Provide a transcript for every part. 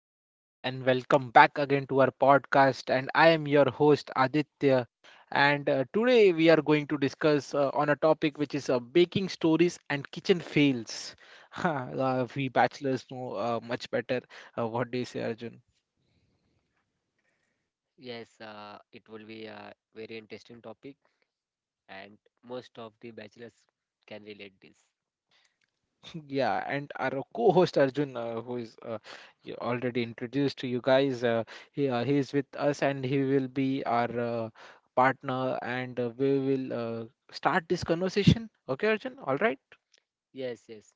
everyone, and welcome back again to our podcast. And I am your host Aditya. And Today we are going to discuss on a topic which is baking stories and kitchen fails. We bachelors know much better. What do you say, Arjun? Yes, it will be a very interesting topic, and most of the bachelors can relate this. Yeah, and our co-host Arjun, who is you already introduced to you guys, he is with us, and he will be our partner, and we will start this conversation. Okay, Arjun? All right. Yes, yes.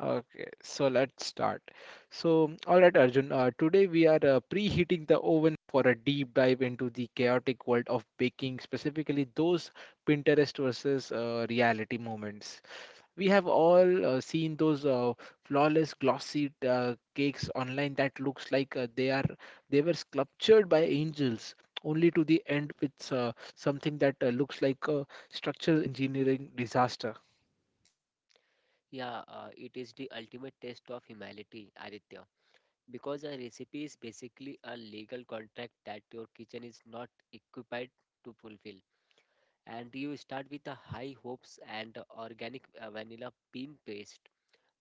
Okay, so let's start. So, all right, Arjun, today we are preheating the oven for a deep dive into the chaotic world of baking, specifically those Pinterest versus reality moments. We have all seen those flawless glossy cakes online that looks like they were sculptured by angels, only to the end with something that looks like a structural engineering disaster. Yeah, it is the ultimate test of humanity, Aditya. Because a recipe is basically a legal contract that your kitchen is not equipped to fulfill. And you start with a high hopes and organic vanilla bean paste.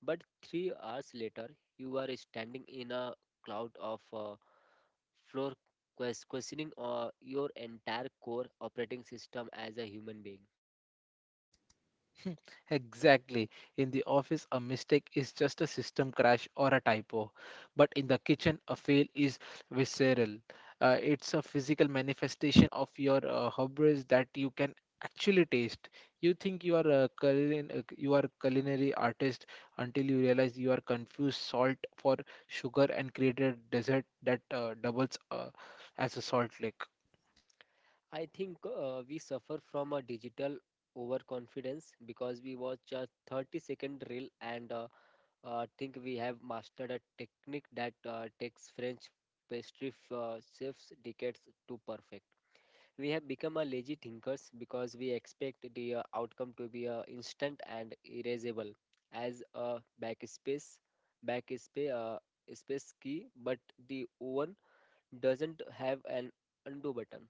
But 3 hours later, you are standing in a cloud of floor, questioning your entire core operating system as a human being. Exactly. In the office, a mistake is just a system crash or a typo. But in the kitchen, a fail is visceral. It's a physical manifestation of your hubris that you can actually taste. You think you are you are culinary artist until you realize you are confused salt for sugar and created a dessert that doubles as a salt lick. I think we suffer from a digital overconfidence because we watch a 30-second reel and think we have mastered a technique that takes French pastry chefs decades to perfect. We have become a lazy thinkers because we expect the outcome to be instant and erasable as a backspace space key, but the oven doesn't have an undo button.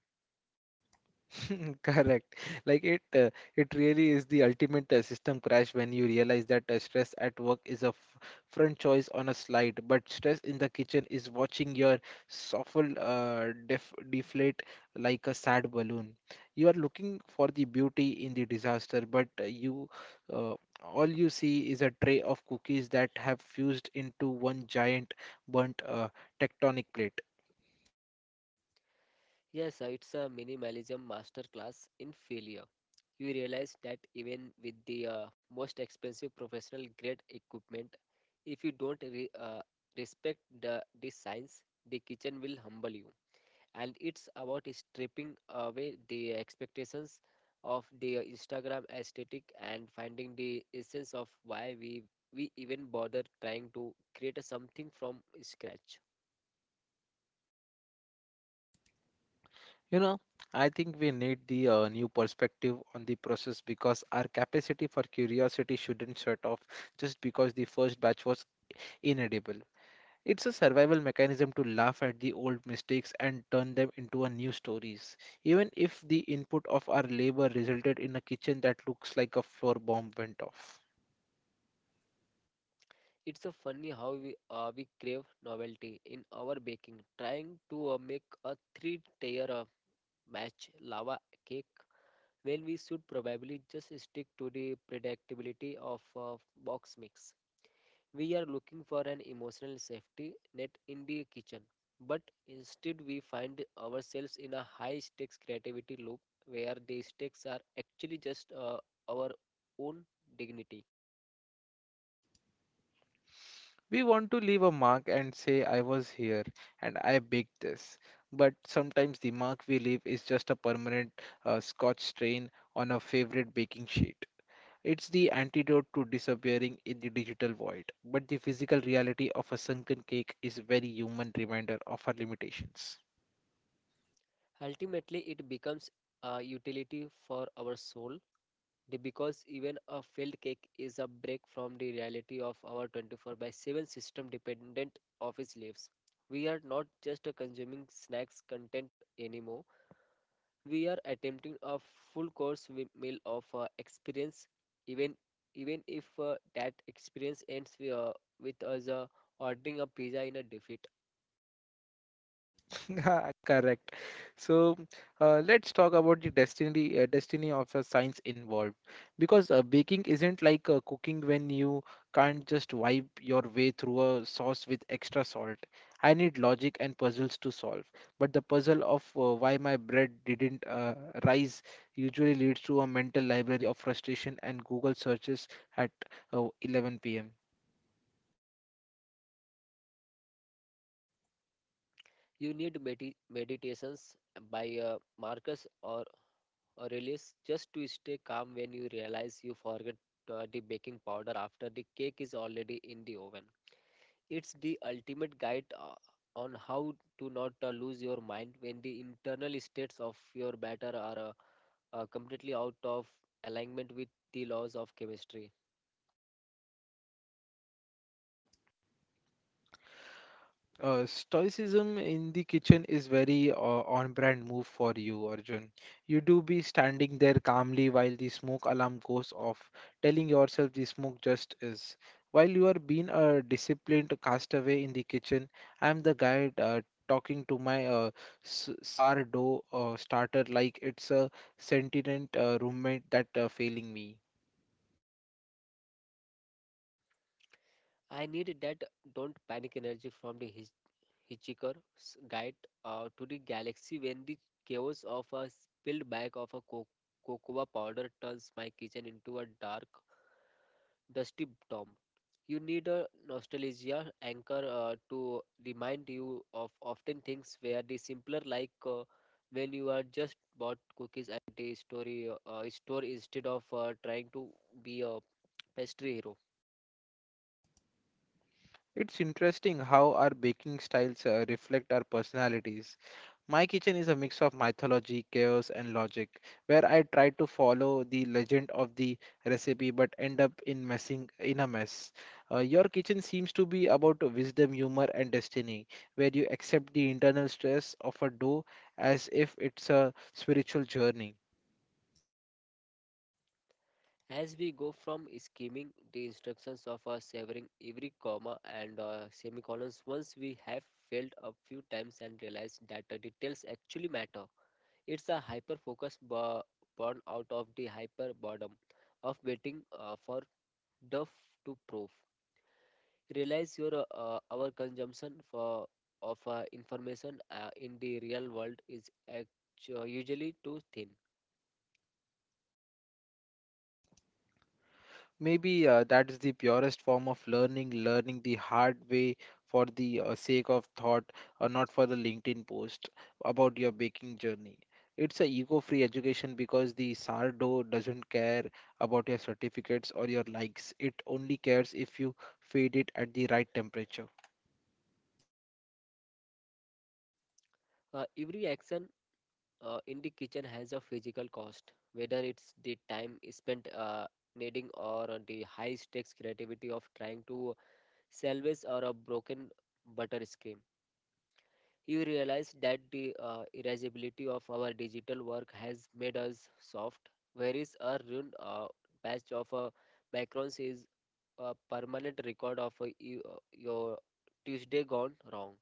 Correct. Like it, uh, it really is the ultimate system crash when you realize that stress at work is front choice on a slide, but stress in the kitchen is watching your soffle deflate like a sad balloon. You are looking for the beauty in the disaster, but uh, all you see is a tray of cookies that have fused into one giant burnt tectonic plate. Yes, it's a minimalism masterclass in failure. You realize that even with the most expensive professional grade equipment, if you don't respect the science, the kitchen will humble you. And it's about stripping away the expectations of the Instagram aesthetic and finding the essence of why we even bother trying to create a something from scratch. You know, I think we need the new perspective on the process because our capacity for curiosity shouldn't shut off just because the first batch was inedible. It's a survival mechanism to laugh at the old mistakes and turn them into a new stories. Even if the input of our labor resulted in a kitchen that looks like a floor bomb went off. It's so funny how we crave novelty in our baking, trying to make a three-tier match lava cake when we should probably just stick to the predictability of box mix. We are looking for an emotional safety net in the kitchen, but instead we find ourselves in a high stakes creativity loop where the stakes are actually just our own dignity. We want to leave a mark and say, I was here and I baked this. But sometimes the mark we leave is just a permanent scotch stain on a favorite baking sheet. It's the antidote to disappearing in the digital void, but the physical reality of a sunken cake is very human reminder of our limitations. Ultimately, it becomes a utility for our soul because even a failed cake is a break from the reality of our 24 by 7 system dependent office lives. We are not just consuming snacks content anymore. We are attempting a full course meal of experience, even even if that experience ends with us ordering a pizza in a defeat. Correct. So let's talk about the destiny of a science involved because baking isn't like cooking when you can't just wipe your way through a sauce with extra salt. I need logic and puzzles to solve, but the puzzle of why my bread didn't rise usually leads to a mental library of frustration and Google searches at 11 p.m. You need meditations by Marcus or Aurelius just to stay calm when you realize you forget the baking powder after the cake is already in the oven. It's the ultimate guide on how to not lose your mind when the internal states of your batter are completely out of alignment with the laws of chemistry. Stoicism in the kitchen is very on-brand move for you, Arjun. You do be standing there calmly while the smoke alarm goes off, telling yourself the smoke just is. While you are being a disciplined castaway in the kitchen, I am the guy talking to my sourdough starter like it's a sentient roommate that failing me. I need that don't panic energy from the hitchhiker's guide to the galaxy when the chaos of a spilled bag of a cocoa powder turns my kitchen into a dark, dusty tomb. You need a nostalgia anchor to remind you of often things where the simpler, like when you are just bought cookies at the story store instead of trying to be a pastry hero. It's interesting how our baking styles reflect our personalities. My kitchen is a mix of mythology, chaos, and logic, where I try to follow the legend of the recipe but end up in messing in a mess. Your kitchen seems to be about wisdom, humor, and destiny, where you accept the internal stress of a dough as if it's a spiritual journey. As we go from skimming the instructions of our severing every comma and semicolons, once we have failed a few times and realized that the details actually matter, it's a hyper focus born out of the hyper boredom of waiting for duff to prove. Realize your our consumption for of information in the real world is usually too thin. Maybe that is the purest form of learning, learning the hard way for the sake of thought, or not for the LinkedIn post about your baking journey. It's a ego-free education because the sourdough doesn't care about your certificates or your likes. It only cares if you feed it at the right temperature. Every action in the kitchen has a physical cost, whether it's the time spent kneading or the high stakes creativity of trying to salvage or a broken butter screen. You realize that the erasability of our digital work has made us soft, whereas a ruined batch of macarons is a permanent record of your Tuesday gone wrong.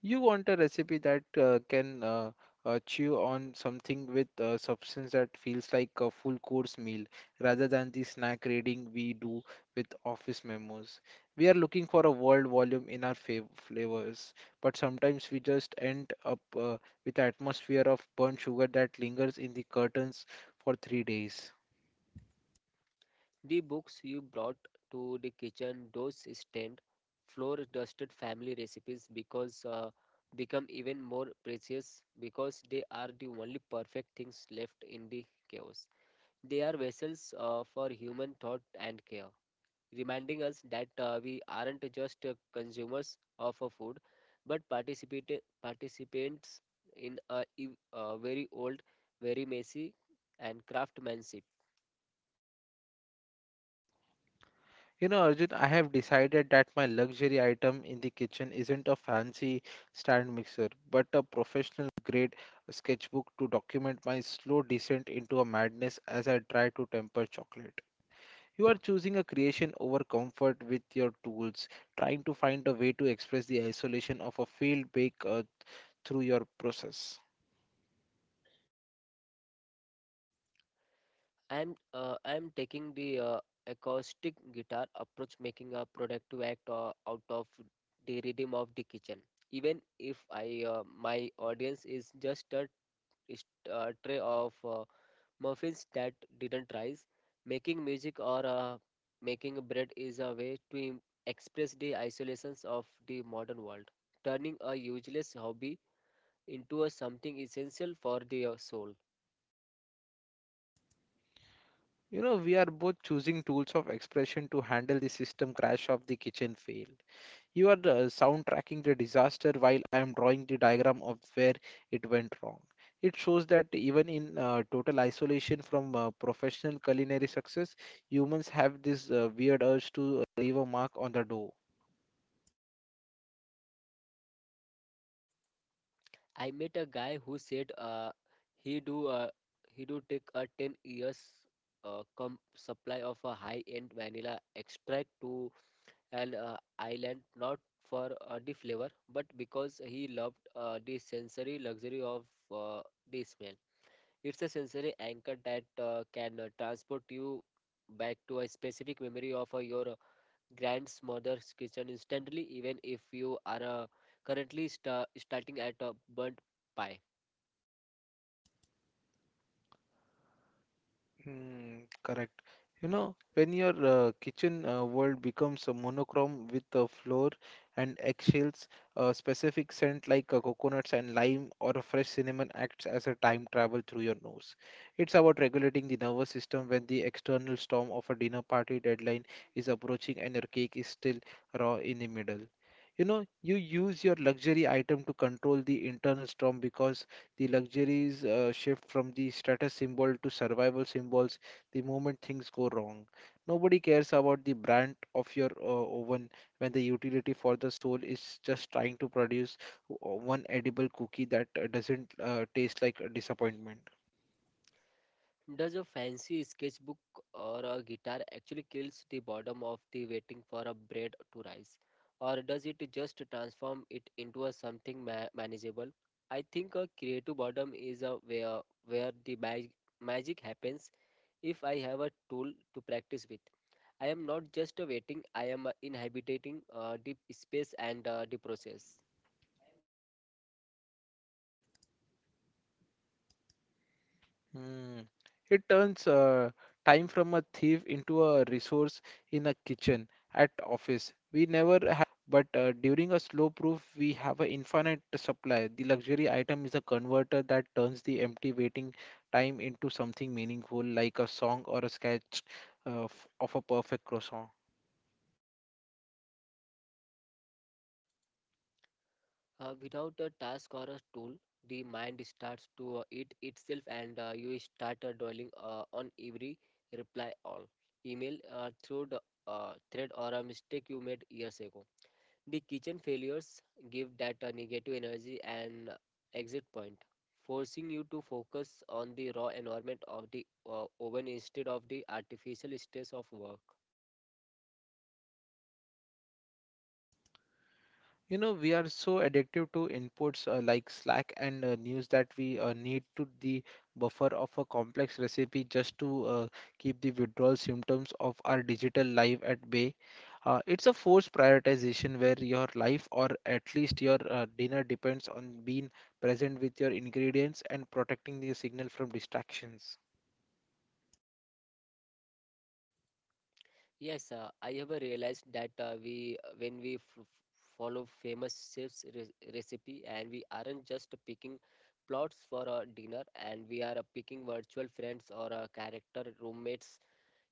You want a recipe that can chew on something with substance that feels like a full course meal rather than the snack raiding we do with office memos. We are looking for a world volume in our flavors, but sometimes we just end up with atmosphere of burnt sugar that lingers in the curtains for 3 days. The books you brought to the kitchen, those stand floor dusted family recipes because become even more precious because they are the only perfect things left in the chaos. They are vessels for human thought and care, reminding us that we aren't just consumers of a food, but participate participants in a very old, very messy and craftsmanship. You know, Arjun, I have decided that my luxury item in the kitchen isn't a fancy stand mixer, but a professional grade sketchbook to document my slow descent into a madness as I try to temper chocolate. You are choosing a creation over comfort with your tools, trying to find a way to express the isolation of a field bake through your process. I'm taking the acoustic guitar approach, making a productive act out of the rhythm of the kitchen. Even if I my audience is a tray of muffins that didn't rise, making music or making bread is a way to express the isolations of the modern world, turning a useless hobby into a something essential for the soul. You know, we are both choosing tools of expression to handle the system crash of the kitchen fail. You are soundtracking the disaster while I am drawing the diagram of where it went wrong. It shows that even in total isolation from professional culinary success, humans have this weird urge to leave a mark on the dough. I met a guy who said he do uh, he do take a 10 years supply of a high-end vanilla extract to an island, not for the flavor but because he loved the sensory luxury of uh, the smell. It's a sensory anchor that can transport you back to a specific memory of your grandmother's kitchen instantly, even if you are currently starting at a burnt pie. Hmm, correct. You know, when your kitchen world becomes a monochrome with a floor and eggshells, a specific scent like a coconuts and lime or a fresh cinnamon acts as a time travel through your nose. It's about regulating the nervous system when the external storm of a dinner party deadline is approaching and your cake is still raw in the middle. You know, you use your luxury item to control the internal storm because the luxuries shift from the status symbol to survival symbols the moment things go wrong. Nobody cares about the brand of your oven when the utility for the soul is just trying to produce one edible cookie that doesn't taste like a disappointment. Does a fancy sketchbook or a guitar actually kills the boredom of the waiting for a bread to rise? Or does it just transform it into a something manageable? I think a creative boredom is a where the magic happens if I have a tool to practice with. I am not just a waiting, I am inhabiting the space and the process. Hmm. It turns time from a thief into a resource in a kitchen at office. We never have, but during a slow proof, we have an infinite supply. The luxury item is a converter that turns the empty waiting time into something meaningful, like a song or a sketch of a perfect croissant. Without a task or a tool, the mind starts to eat itself, and you start dwelling on every reply all email through the thread or a mistake you made years ago. The kitchen failures give that negative energy an exit point, forcing you to focus on the raw environment of the oven instead of the artificial stress of work. You know, we are so addictive to inputs like Slack and news that we need to the buffer of a complex recipe just to keep the withdrawal symptoms of our digital life at bay. It's a forced prioritization where your life or at least your dinner depends on being present with your ingredients and protecting the signal from distractions. Yes, I have realized that we when we follow famous chefs' re recipe, and we aren't just picking plots for a dinner, and we are picking virtual friends or character roommates.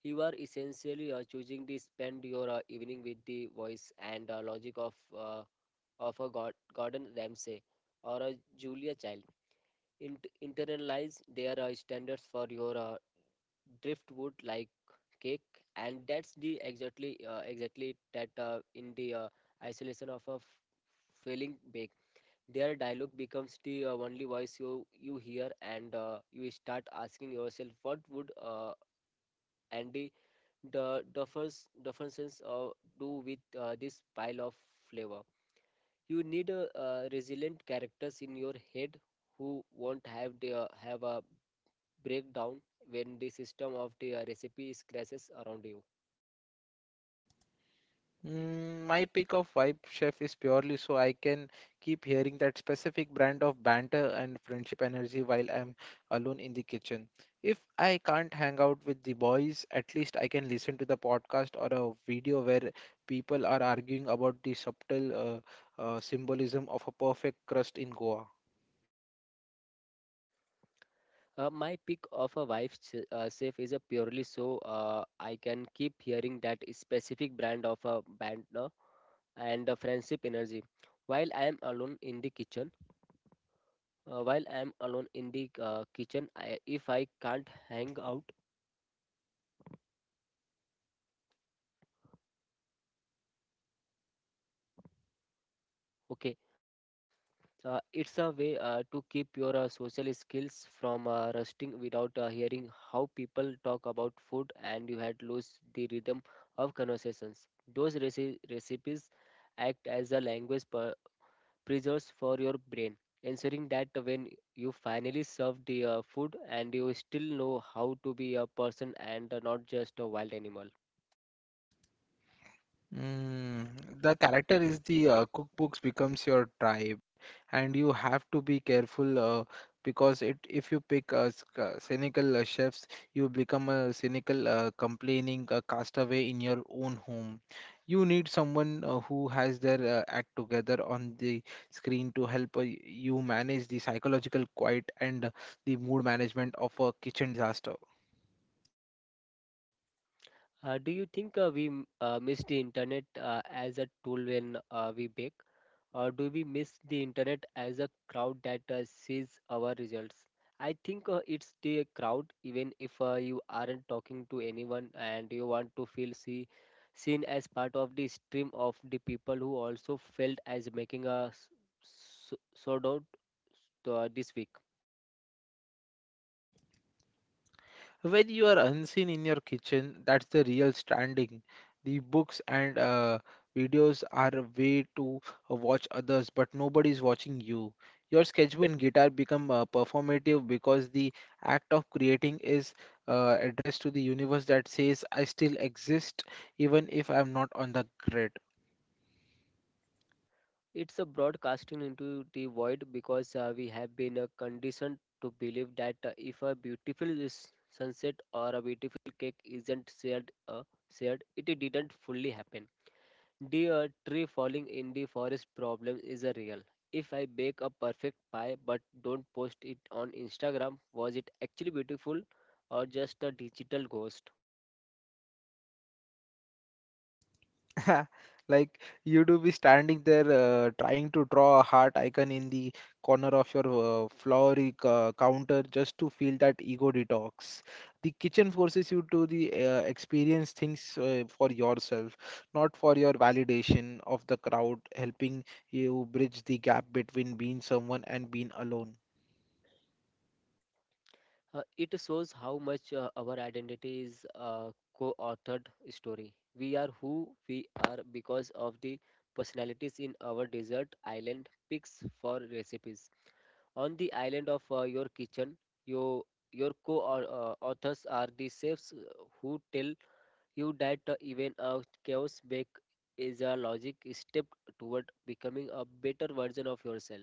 You are essentially choosing to spend your evening with the voice and logic uh, of a God Gordon Ramsay or a Julia Child. Int Internalize their standards for your driftwood like cake, and that's the exactly exactly that. In the isolation of a failing bake, their dialogue becomes the only voice you hear, and you start asking yourself, what would Andy the first uh, do with this pile of flavor? You need resilient characters in your head who won't have a breakdown when the system of the recipe is crashes around you. Mm, my pick of Vibe Chef is purely so I can keep hearing that specific brand of banter and friendship energy while I'm alone in the kitchen. If I can't hang out with the boys, at least I can listen to the podcast or a video where people are arguing about the subtle symbolism of a perfect crust in Goa. My pick of a wife safe is a purely so I can keep hearing that specific brand of a band no? And a friendship energy. While I am alone in the kitchen, while I am alone in the kitchen, I, if I can't hang out, okay, it's a way to keep your social skills from rusting without hearing how people talk about food and you had lose the rhythm of conversations. Those recipes act as a language per preserves for your brain, ensuring that when you finally serve the food and you still know how to be a person and not just a wild animal. Mm, the character is the cookbooks becomes your tribe. And you have to be careful because it if you pick cynical chefs, you become a cynical, complaining castaway in your own home. You need someone who has their act together on the screen to help you manage the psychological quiet and the mood management of a kitchen disaster. Do you think we miss the internet as a tool when we bake, or do we miss the internet as a crowd that sees our results? I think it's the crowd, even if you aren't talking to anyone and you want to feel seen as part of the stream of the people who also felt as making a sold out this week. When you are unseen in your kitchen, that's the real standing. The books and videos are a way to watch others, but nobody's watching you. Your sketchbook and guitar become performative because the act of creating is addressed to the universe that says, I still exist even if I'm not on the grid. It's a broadcasting into the void because we have been conditioned to believe that if a beautiful sunset or a beautiful cake isn't shared, it didn't fully happen. The tree falling in the forest problem is a real. If I bake a perfect pie but don't post it on Instagram, was it actually beautiful, or just a digital ghost? Like you do be standing there trying to draw a heart icon in the corner of your counter just to feel that ego detox. The kitchen forces you to the experience things for yourself, not for your validation of the crowd, helping you bridge the gap between being someone and being alone. It shows how much our identity is a co-authored story. We are who we are because of the personalities in our desert island picks for recipes. On the island of your kitchen, your your co-authors are the chefs who tell you that even a chaos bake is a logic step toward becoming a better version of yourself.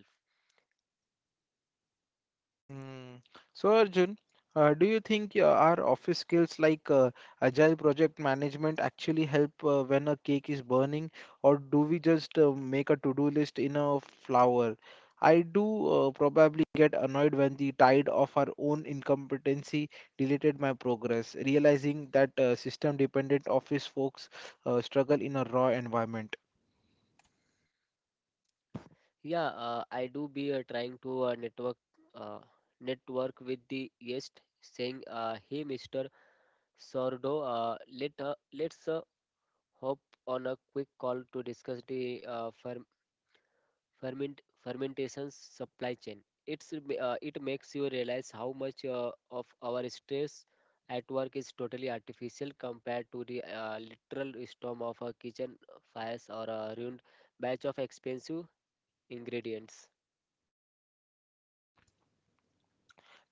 Mm. So Arjun, do you think our office skills like agile project management actually help when a cake is burning, or do we just make a to-do list in a flower? I do probably get annoyed when the tide of our own incompetency deleted my progress, realizing that system-dependent office folks struggle in a raw environment. Yeah, I do be trying to uh, network with the guest, saying, "Hey, Mister Sordo, let's hop on a quick call to discuss the fermentation supply chain. It makes you realize how much of our stress at work is totally artificial compared to the literal storm of a kitchen fires or a ruined batch of expensive ingredients."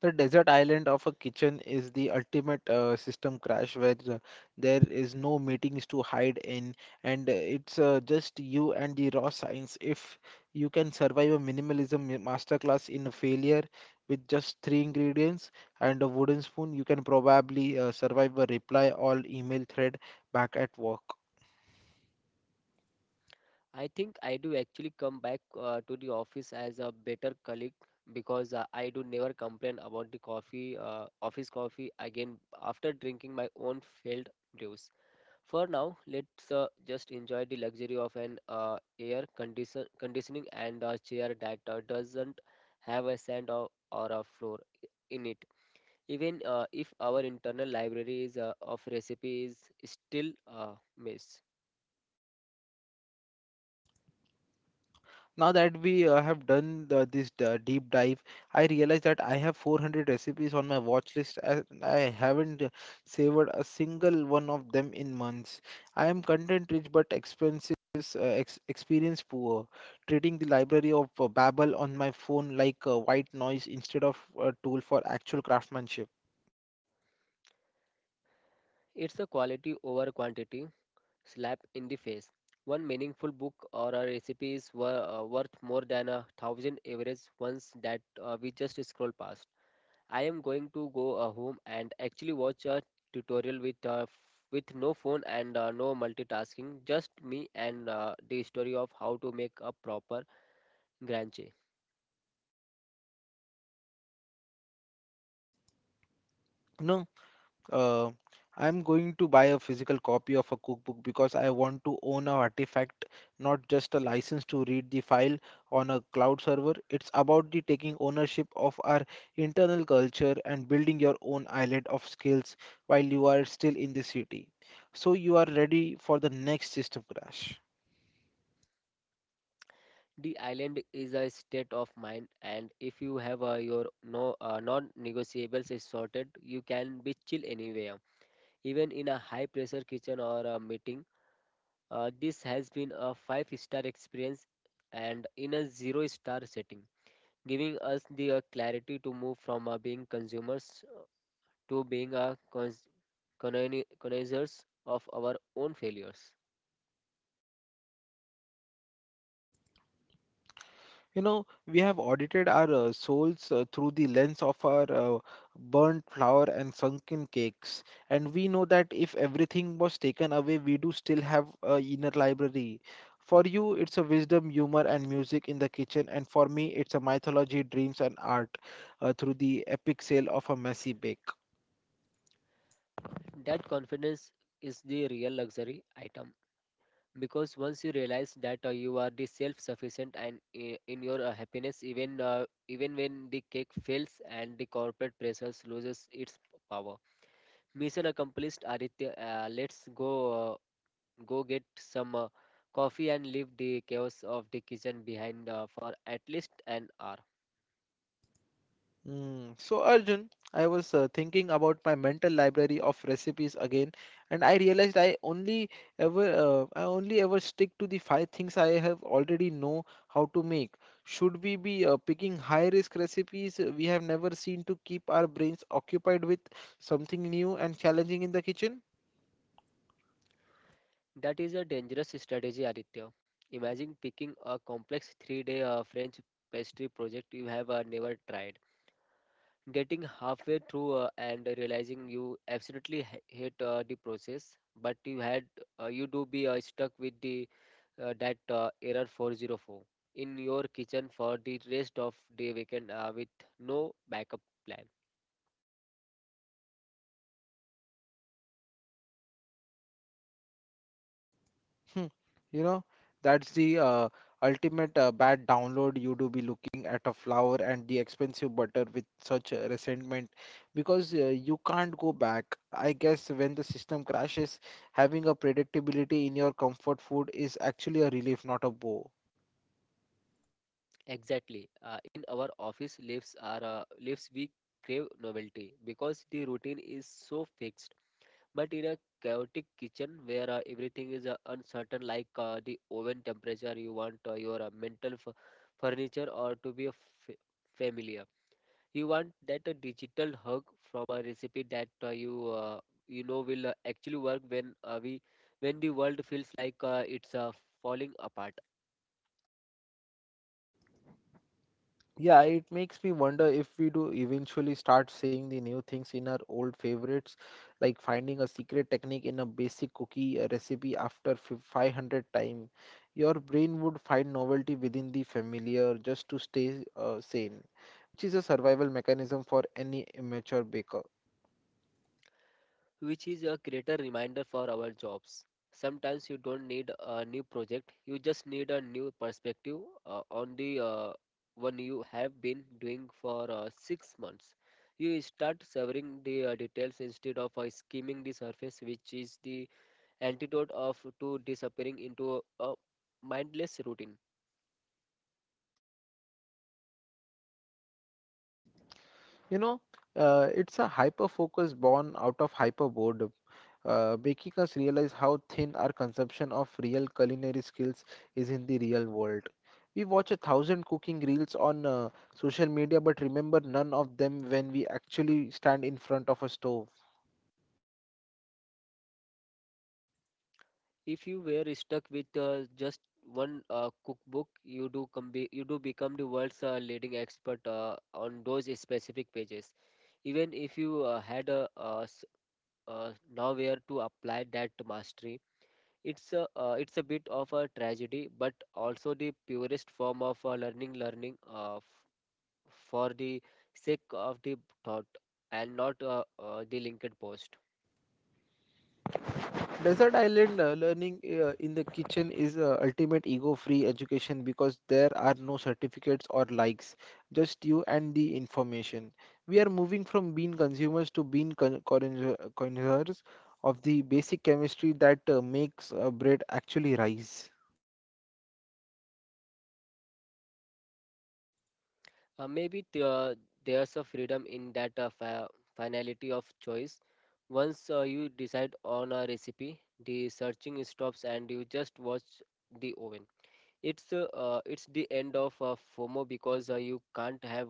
The desert island of a kitchen is the ultimate system crash where there is no meetings to hide in, and it's just you and the raw science. If you can survive a minimalism masterclass in failure with just 3 ingredients and a wooden spoon, you can probably survive a reply all email thread back at work. I think I do actually come back to the office as a better colleague because I do never complain about the office coffee again after drinking my own failed brews. For now, let's just enjoy the luxury of an air conditioning and a chair that doesn't have a sand or a floor in it. Even if our internal library of recipes is still a mess. Now that we have done this deep dive, I realize that I have 400 recipes on my watch list, and I haven't savored a single one of them in months. I am content rich but experience poor, treating the library of Babel on my phone like a white noise instead of a tool for actual craftsmanship. It's a quality over quantity slap in the face. One meaningful book or a recipe is worth more than a thousand average ones that we just scroll past. I am going to go home and actually watch a tutorial with no phone and no multitasking, just me and the story of how to make a proper granche. No. Uh, I'm going to buy a physical copy of a cookbook because I want to own an artifact, not just a license to read the file on a cloud server. It's about the taking ownership of our internal culture and building your own island of skills while you are still in the city. So you are ready for the next system crash. The island is a state of mind, and if you have your no non-negotiables is sorted, you can be chill anywhere, even in a high pressure kitchen or a meeting. This has been a five-star experience and in a zero star setting, giving us the clarity to move from being consumers to being a connoisseurs of our own failures. You know, we have audited our souls through the lens of our burnt flour and sunken cakes, and we know that if everything was taken away, we do still have a inner library. For you, it's a wisdom, humor, and music in the kitchen, and for me, it's a mythology, dreams, and art through the epic sale of a messy bake. That confidence is the real luxury item because once you realize that you are the self-sufficient and in your happiness, even when the cake fails and the corporate pressures loses its power. Mission accomplished, Aditya. Uh, let's go uh, go get some coffee and leave the chaos of the kitchen behind for at least an hour. Mm. So Arjun, I was thinking about my mental library of recipes again, and I realized I only ever stick to the five things I have already know how to make. Should we be picking high risk recipes we have never seen to keep our brains occupied with something new and challenging in the kitchen? That is a dangerous strategy, Aditya. Imagine picking a complex three-day French pastry project you have never tried, getting halfway through and realizing you absolutely hate the process, but you do be stuck with the that error 404 in your kitchen for the rest of the weekend with no backup plan. Hmm. You know, that's the ultimate bad download. You do be looking at a flower and the expensive butter with such a resentment because you can't go back. I guess when the system crashes, having a predictability in your comfort food is actually a relief, not a blow. Exactly. In our office lives we crave novelty because the routine is so fixed. But in a chaotic kitchen where everything is uncertain, like the oven temperature, you want your mental furniture or to be a f- familiar. You want that a digital hug from a recipe that you know will actually work when the world feels like it's falling apart, Yeah, it makes me wonder if we do eventually start seeing the new things in our old favorites, like finding a secret technique in a basic cookie recipe after 500 time. Your brain would find novelty within the familiar just to stay sane, which is a survival mechanism for any immature baker. which is a greater reminder for our jobs. Sometimes you don't need a new project, you just need a new perspective on the one you have been doing for 6 months. You start severing the details instead of skimming the surface, which is the antidote of to disappearing into a mindless routine. You know, it's a hyper focus born out of hyper boredom, making us realize how thin our consumption of real culinary skills is in the real world. We watch a thousand cooking reels on social media, but remember none of them when we actually stand in front of a stove. If you were stuck with just one cookbook, you do become the world's leading expert on those specific pages. Even if you had nowhere to apply that mastery. It's a bit of a tragedy, but also the purest form of learning. Learning for the sake of the thought and not the linked post. Desert Island learning in the kitchen is ultimate ego-free education because there are no certificates or likes, just you and the information. We are moving from being consumers to being connoisseurs of the basic chemistry that makes bread actually rise. Maybe there's a freedom in that finality of choice. Once you decide on a recipe, the searching stops and you just watch the oven. It's the end of FOMO because you can't have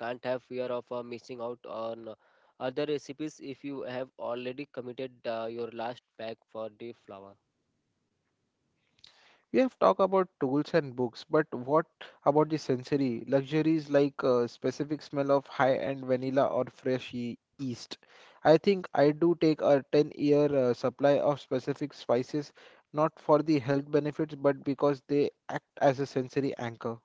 can't have fear of missing out on other recipes if you have already committed your last pack for the flour. We have talked about tools and books, but what about the sensory luxuries like specific smell of high-end vanilla or fresh yeast? I think I do take a 10-year supply of specific spices, not for the health benefits, but because they act as a sensory anchor.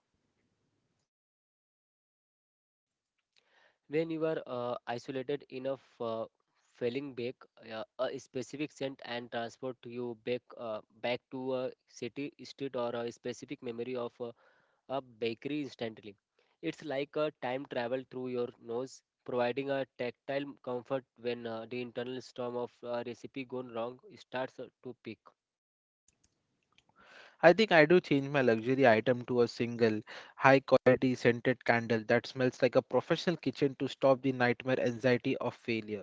When you are isolated enough, falling back, a specific scent and transport you back to a city, street, or a specific memory of a bakery instantly. It's like a time travel through your nose, providing a tactile comfort when the internal storm of a recipe gone wrong starts to peak. I think I do change my luxury item to a single high-quality scented candle that smells like a professional kitchen to stop the nightmare anxiety of failure.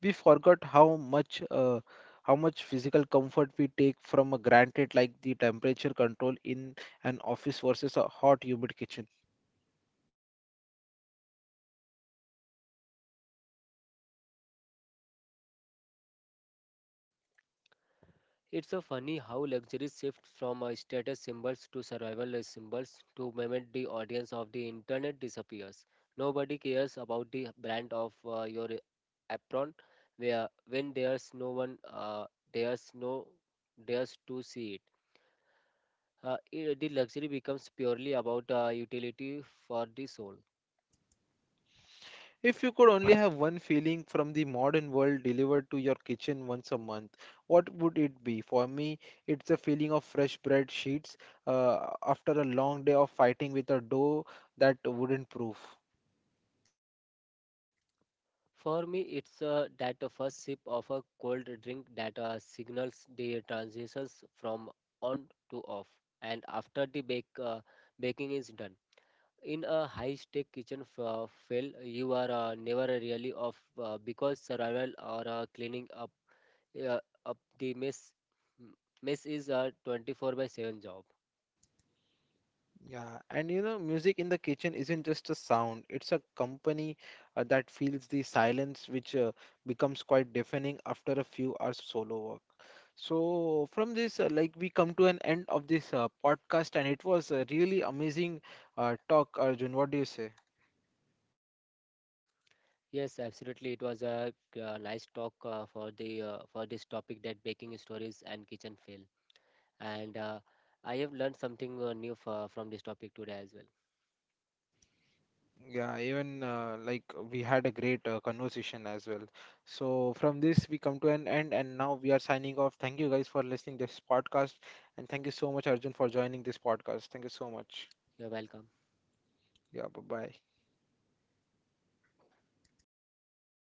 We forgot how much physical comfort we take from a granted, like the temperature control in an office versus a hot humid kitchen. It's so funny how luxury shifts from a status symbols to survival symbols to moment the audience of the internet disappears. Nobody cares about the brand of your apron where when there's no dares to see it. The luxury becomes purely about utility for the soul. If you could only have one feeling from the modern world delivered to your kitchen once a month, what would it be? For me, it's a feeling of fresh bread sheets after a long day of fighting with a dough that wouldn't proof. For me, it's that the first sip of a cold drink that signals the transitions from on to off, and after baking is done. In a high-stake kitchen fail, you are never really off because survival or cleaning uh, up the m- mess is a 24/7 job. Yeah, and you know, music in the kitchen isn't just a sound, it's a company that feels the silence, which becomes quite deafening after a few hours of solo work. So, from this, like, we come to an end of this podcast, and it was a really amazing talk, Arjun. What do you say? Yes, absolutely. It was a nice talk for this topic that baking stories and kitchen fail. And I have learned something new from this topic today as well. Yeah, even like, we had a great conversation as well. So from this we come to an end, and now we are signing off. Thank you guys for listening this podcast, and thank you so much Arjun for joining this podcast. Thank you so much. You're welcome. Yeah, bye bye.